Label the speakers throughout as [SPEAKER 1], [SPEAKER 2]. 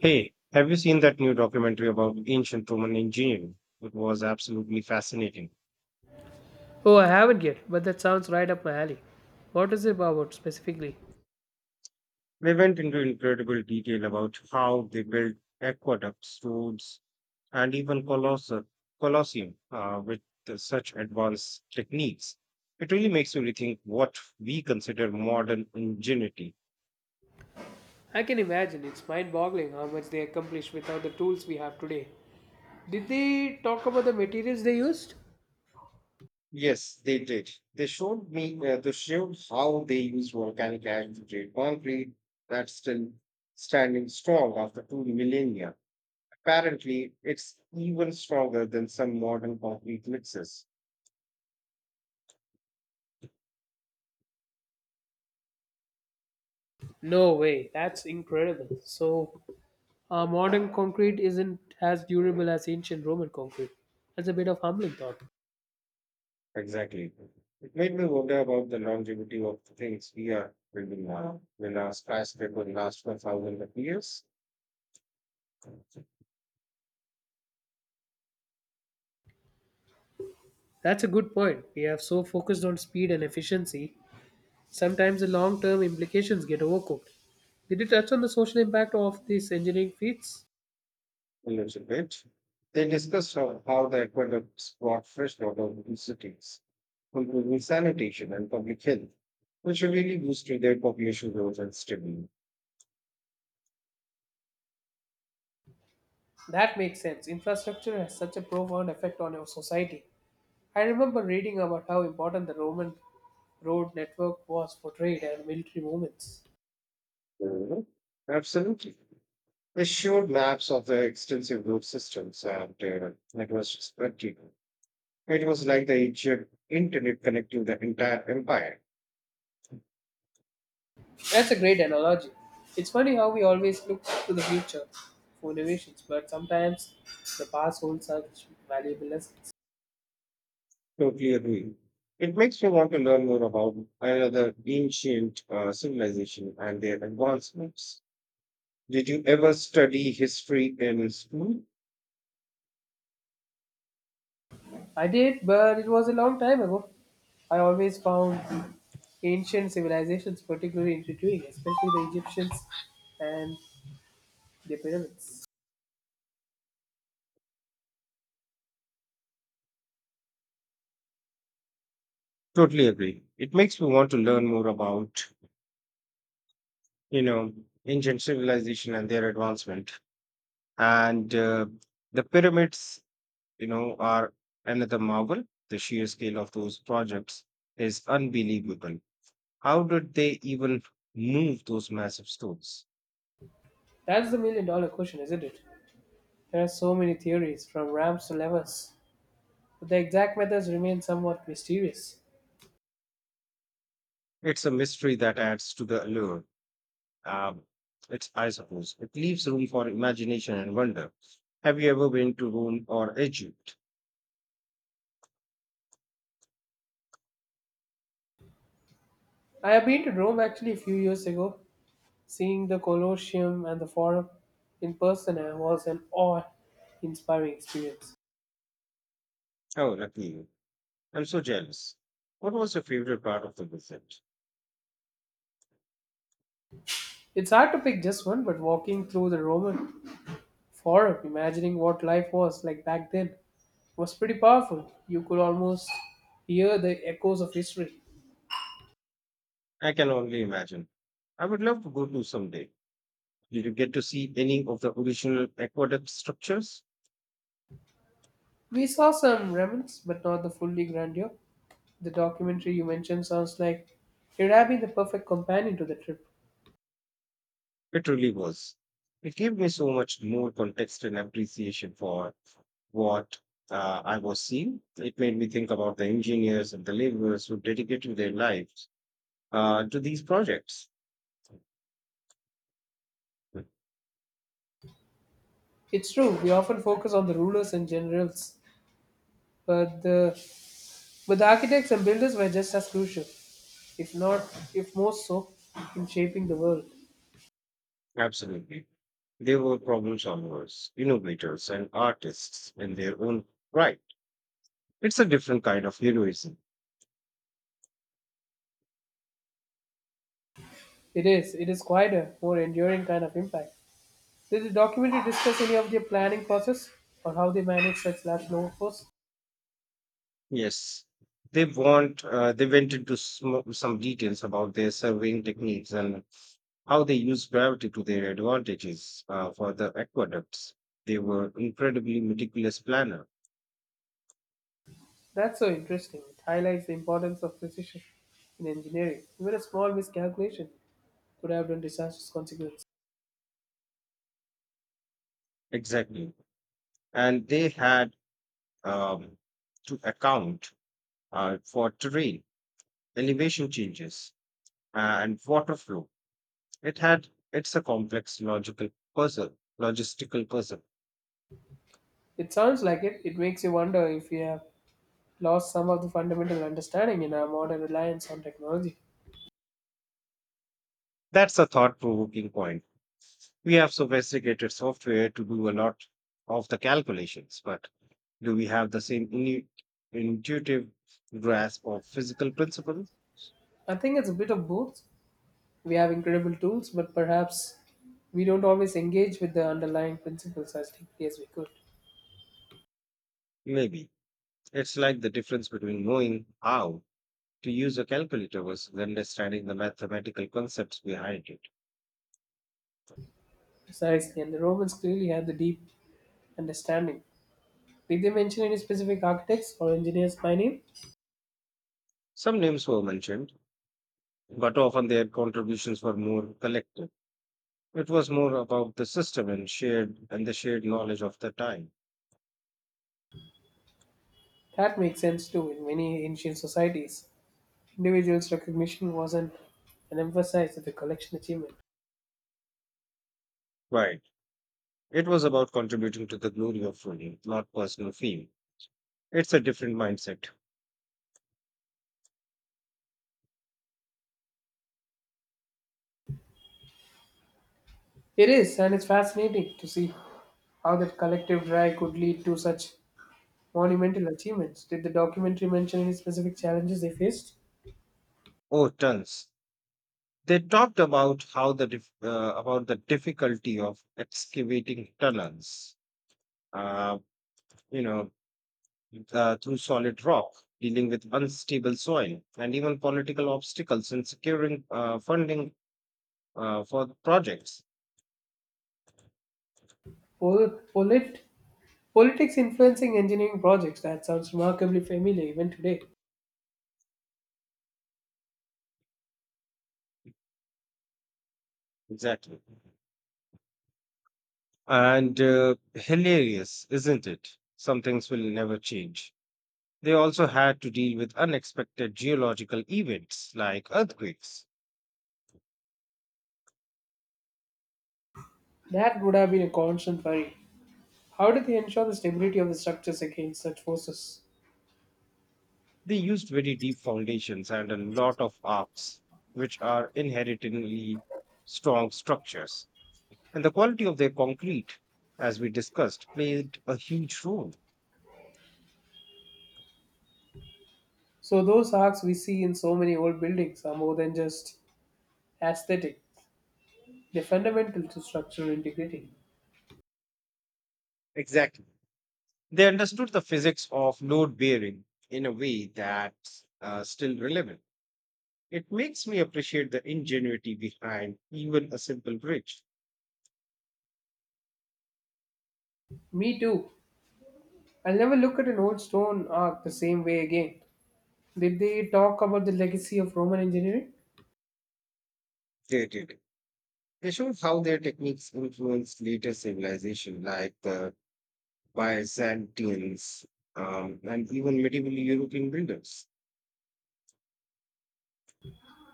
[SPEAKER 1] Hey, have you seen that new documentary about ancient Roman engineering? It was absolutely fascinating.
[SPEAKER 2] Oh, I haven't yet, but that sounds right up my alley. What is it about specifically?
[SPEAKER 1] They went into incredible detail about how they built aqueducts, roads, and even colosseum with such advanced techniques. It really makes you rethink what we consider modern ingenuity.
[SPEAKER 2] I can imagine. It's mind boggling how much they accomplished without the tools we have today. Did they talk about the materials they used?
[SPEAKER 1] Yes, they did. They showed me. They showed how they used volcanic ash to create concrete that's still standing strong after two millennia. Apparently, it's even stronger than some modern concrete mixes.
[SPEAKER 2] No way. That's incredible. So, modern concrete isn't as durable as ancient Roman concrete. That's a bit of humbling thought.
[SPEAKER 1] Exactly. It made me wonder about the longevity of the things we are building now. Will our skyscraper last for thousands of years?
[SPEAKER 2] That's a good point. We have so focused on speed and efficiency, sometimes the long term implications get overcooked. Did you touch on the social impact of these engineering feats?
[SPEAKER 1] A little bit. They discussed how the aqueducts brought fresh water to cities, improving sanitation and public health, which really boosted their population growth and stability.
[SPEAKER 2] That makes sense. Infrastructure has such a profound effect on our society. I remember reading about how important the Roman road network was for trade and military movements.
[SPEAKER 1] Mhm. Absolutely. They showed maps of the extensive road systems, and it was just practical. It was like the Egypt internet connecting the entire empire.
[SPEAKER 2] That's a great analogy. It's funny how we always look to the future for innovations, but sometimes the past holds such valuable lessons.
[SPEAKER 1] Totally agree. It makes me want to learn more about another ancient civilization and their advancements. Did you ever study history in school?
[SPEAKER 2] I did, but it was a long time ago. I always found ancient civilizations particularly intriguing, especially the Egyptians and the pyramids.
[SPEAKER 1] Totally agree. It makes me want to learn more about, you know, ancient civilization and their advancement. And the pyramids, are another marvel. The sheer scale of those projects is unbelievable. How did they even move those massive stones?
[SPEAKER 2] That's the million dollar question, isn't it? There are so many theories, from ramps to levers, but the exact methods remain somewhat mysterious.
[SPEAKER 1] It's a mystery that adds to the allure. Um, it's I suppose, it leaves room for imagination and wonder. Have you ever been to Rome or Egypt?
[SPEAKER 2] I have been to Rome actually a few years ago. Seeing the Colosseum and the Forum in person was an awe inspiring experience.
[SPEAKER 1] Oh, lucky you. I'm so jealous. What was your favorite part of the visit?
[SPEAKER 2] It's hard to pick just one, but walking through the Roman Forum, imagining what life was like back then, was pretty powerful. You could almost hear the echoes of history.
[SPEAKER 1] I can only imagine. I would love to go to someday. Did you get to see any of the original aqueduct structures?
[SPEAKER 2] We saw some remnants, but not the fully grandeur. The documentary you mentioned sounds like it would have been the perfect companion to the trip.
[SPEAKER 1] It really was. It gave me so much more context and appreciation for what I was seeing. It made me think about the engineers and the laborers who dedicated their lives to these projects.
[SPEAKER 2] It's true, we often focus on the rulers and generals, but the, but the architects and builders were just as crucial, if not, if most so, in shaping the world.
[SPEAKER 1] Absolutely. They were problem solvers, innovators, and artists in their own right. It's a different kind of heroism.
[SPEAKER 2] It is quite a more enduring kind of impact. Did the documentary discuss any of their planning process or how they manage such large workforce?
[SPEAKER 1] Yes, they went into some details about their surveying techniques and how they use gravity to their advantages for the aqueducts. They were incredibly meticulous planner,
[SPEAKER 2] That's so interesting. It highlights the importance of precision in engineering. Even a small miscalculation could have done disastrous consequences.
[SPEAKER 1] exactly, and they had um, to account for terrain, elevation changes, and water flow. It had it's a complex logical puzzle, logistical puzzle.
[SPEAKER 2] It sounds like it. It makes you wonder if we have lost some of the fundamental understanding in our modern reliance on technology.
[SPEAKER 1] That's a thought-provoking point. We have sophisticated software to do a lot of the calculations, but do we have the same intuitive grasp of physical principle?
[SPEAKER 2] I think it's a bit of both. We have incredible tools, but perhaps we don't always engage with the underlying principles as deeply as we could.
[SPEAKER 1] Maybe. It's like the difference between knowing how to use a calculator versus understanding the mathematical concepts behind it.
[SPEAKER 2] Precisely, and the Romans clearly had the deep understanding. Did they mention any specific architects or engineers by name?
[SPEAKER 1] Some names were mentioned, but often their contributions were more collective. It was more about the system and the shared knowledge of the time.
[SPEAKER 2] That makes sense too in many ancient societies. Individuals' recognition wasn't an emphasis of the collection achievement.
[SPEAKER 1] Right. It was about contributing to the glory of running, not personal fame. It's a different mindset.
[SPEAKER 2] It is, and it's fascinating to see how that collective drive could lead to such monumental achievements. Did the documentary mention any specific challenges they faced?
[SPEAKER 1] Oh, tons. They talked about about the difficulty of excavating tunnels, uh, you know, through solid rock, dealing with unstable soil, and even political obstacles in securing funding for the projects.
[SPEAKER 2] Pol- polit- Politics influencing engineering projects. That sounds remarkably familiar even today.
[SPEAKER 1] Exactly. And hilarious, isn't it? Some things will never change. They also had to deal with unexpected geological events like earthquakes.
[SPEAKER 2] That would have been a constant worry. How did they ensure the stability of the structures against such forces?
[SPEAKER 1] They used very deep foundations and a lot of arcs, which are inherently strong structures. And the quality of their concrete, as we discussed, played a huge role.
[SPEAKER 2] So those arcs we see in so many old buildings are more than just aesthetic. They're fundamental to structural integrity.
[SPEAKER 1] Exactly. They understood the physics of load bearing in a way that's still relevant. It makes me appreciate the ingenuity behind even a simple bridge.
[SPEAKER 2] Me too. I'll never look at an old stone arc the same way again. Did they talk about the legacy of Roman engineering?
[SPEAKER 1] They did. They showed how their techniques influenced later civilization, like the Byzantines, and even medieval European builders.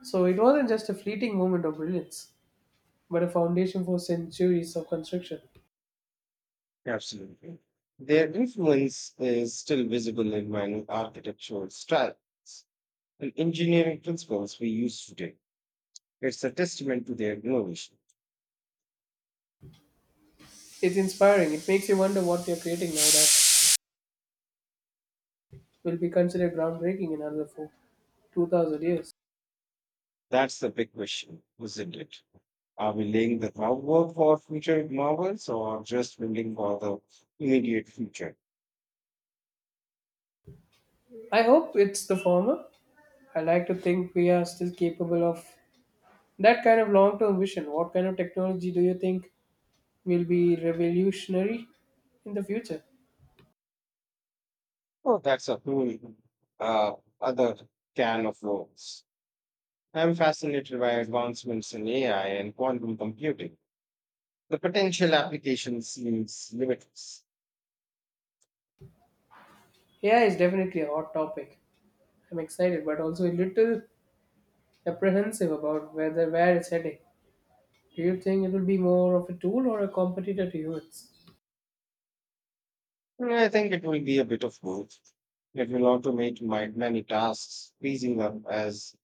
[SPEAKER 2] So it wasn't just a fleeting moment of brilliance, but a foundation for centuries of construction.
[SPEAKER 1] Absolutely. Their influence is still visible in many architectural styles and engineering principles we use today. It's a testament to their innovation.
[SPEAKER 2] It's inspiring. It makes you wonder what you're creating now that will be considered groundbreaking in another four, 2000 years.
[SPEAKER 1] That's the big question, isn't it? Are we laying the groundwork for future novels or just building for the immediate future?
[SPEAKER 2] I hope it's the former. I like to think we are still capable of that kind of long term vision. What kind of technology do you think will be revolutionary in the future?
[SPEAKER 1] Oh, that's a whole uh, other can of worms. I'm fascinated by advancements in AI and quantum computing. The potential application seems limitless.
[SPEAKER 2] AI is definitely a hot topic. I'm excited, but also a little apprehensive about whether where it's heading. Do you think it will be more of a tool or a competitor to humans?
[SPEAKER 1] Yeah, I think it will be a bit of both. It will automate my many tasks, freezing up as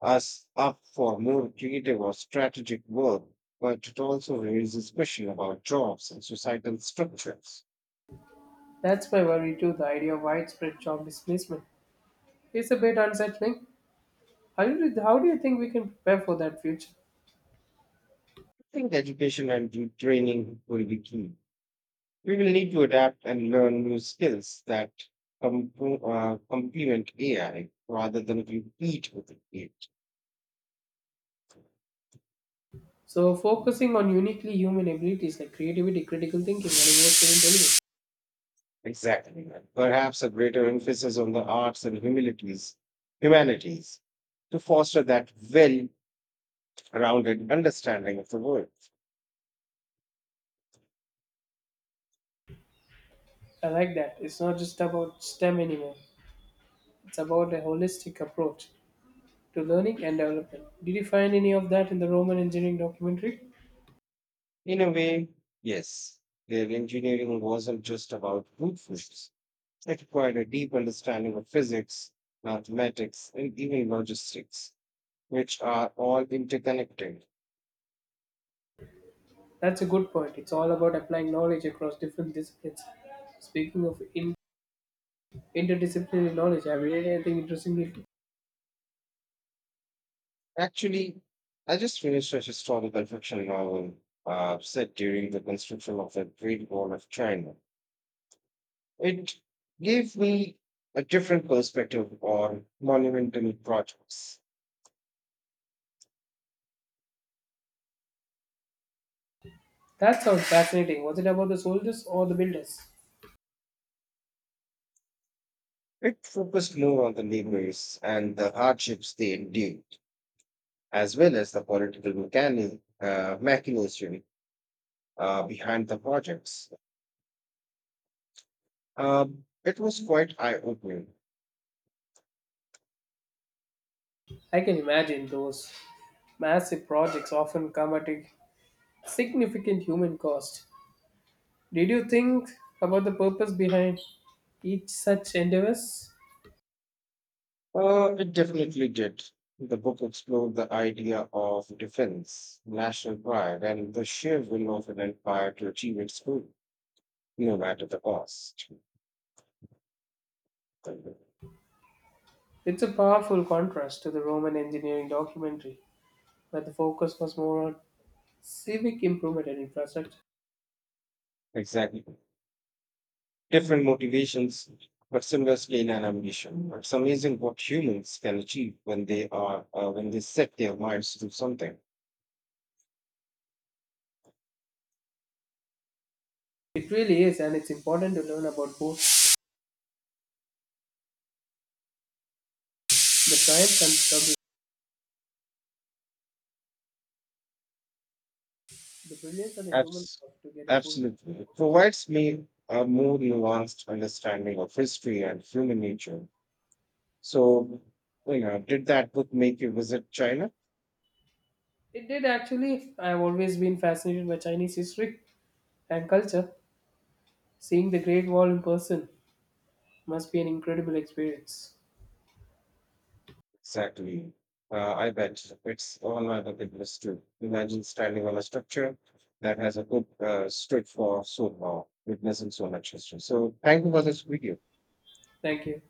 [SPEAKER 1] us up for more creative or strategic work, but it also raises question about jobs and societal structures.
[SPEAKER 2] That's my worry too. The idea of widespread job displacement is a bit unsettling. How do you think we can prepare for that future?
[SPEAKER 1] I think education and the training will be key. We will need to adapt and learn new skills that complement AI rather than compete with it.
[SPEAKER 2] So focusing on uniquely human abilities like creativity, critical thinking, and emotional intelligence.
[SPEAKER 1] Exactly. Perhaps a greater emphasis on the arts and humanities, humanities to foster that well-rounded understanding of the world.
[SPEAKER 2] I like that. It's not just about STEM anymore. It's about a holistic approach to learning and development. Did you find any of that in the Roman engineering documentary?
[SPEAKER 1] In a way, yes, their engineering wasn't just about brute force. It required a deep understanding of physics, mathematics, and even logistics, which are all interconnected.
[SPEAKER 2] That's a good point. It's all about applying knowledge across different disciplines. Speaking of interdisciplinary knowledge, have you read anything interesting lately?
[SPEAKER 1] Actually, I just finished a historical fiction novel set during the construction of the Great Wall of China. It gave me a different perspective on monumental projects.
[SPEAKER 2] That sounds fascinating. Was it about the soldiers or the builders?
[SPEAKER 1] It focused more on the laborers and the hardships they endured, as well as the political machination behind the projects. It was quite eye opening.
[SPEAKER 2] I can imagine those massive projects often come at a significant human cost. Did you think about the purpose behind each such endeavors?
[SPEAKER 1] It definitely did. The book explored the idea of defense, national pride, and the sheer will of an empire to achieve its goal, no matter the cost.
[SPEAKER 2] It's a powerful contrast to the Roman engineering documentary, where the focus was more on civic improvement and infrastructure.
[SPEAKER 1] Exactly. Different motivations, but seamlessly in an ambition. It's amazing what humans can achieve when they are when they set their minds to something.
[SPEAKER 2] It really is, and it's important to learn about both the triumphs and struggles, the brilliance and the human
[SPEAKER 1] Abs-
[SPEAKER 2] heart to get a full.
[SPEAKER 1] absolutely, it provides me a more nuanced understanding of history and human nature. So, did that book make you visit China?
[SPEAKER 2] It did actually. I have always been fascinated by Chinese history and culture. Seeing the Great Wall in person must be an incredible experience.
[SPEAKER 1] Exactly. I bet it's all other people's too. Imagine standing on a structure that has a good street for so long, witnessing so much history. So, thank you for this video.
[SPEAKER 2] Thank you.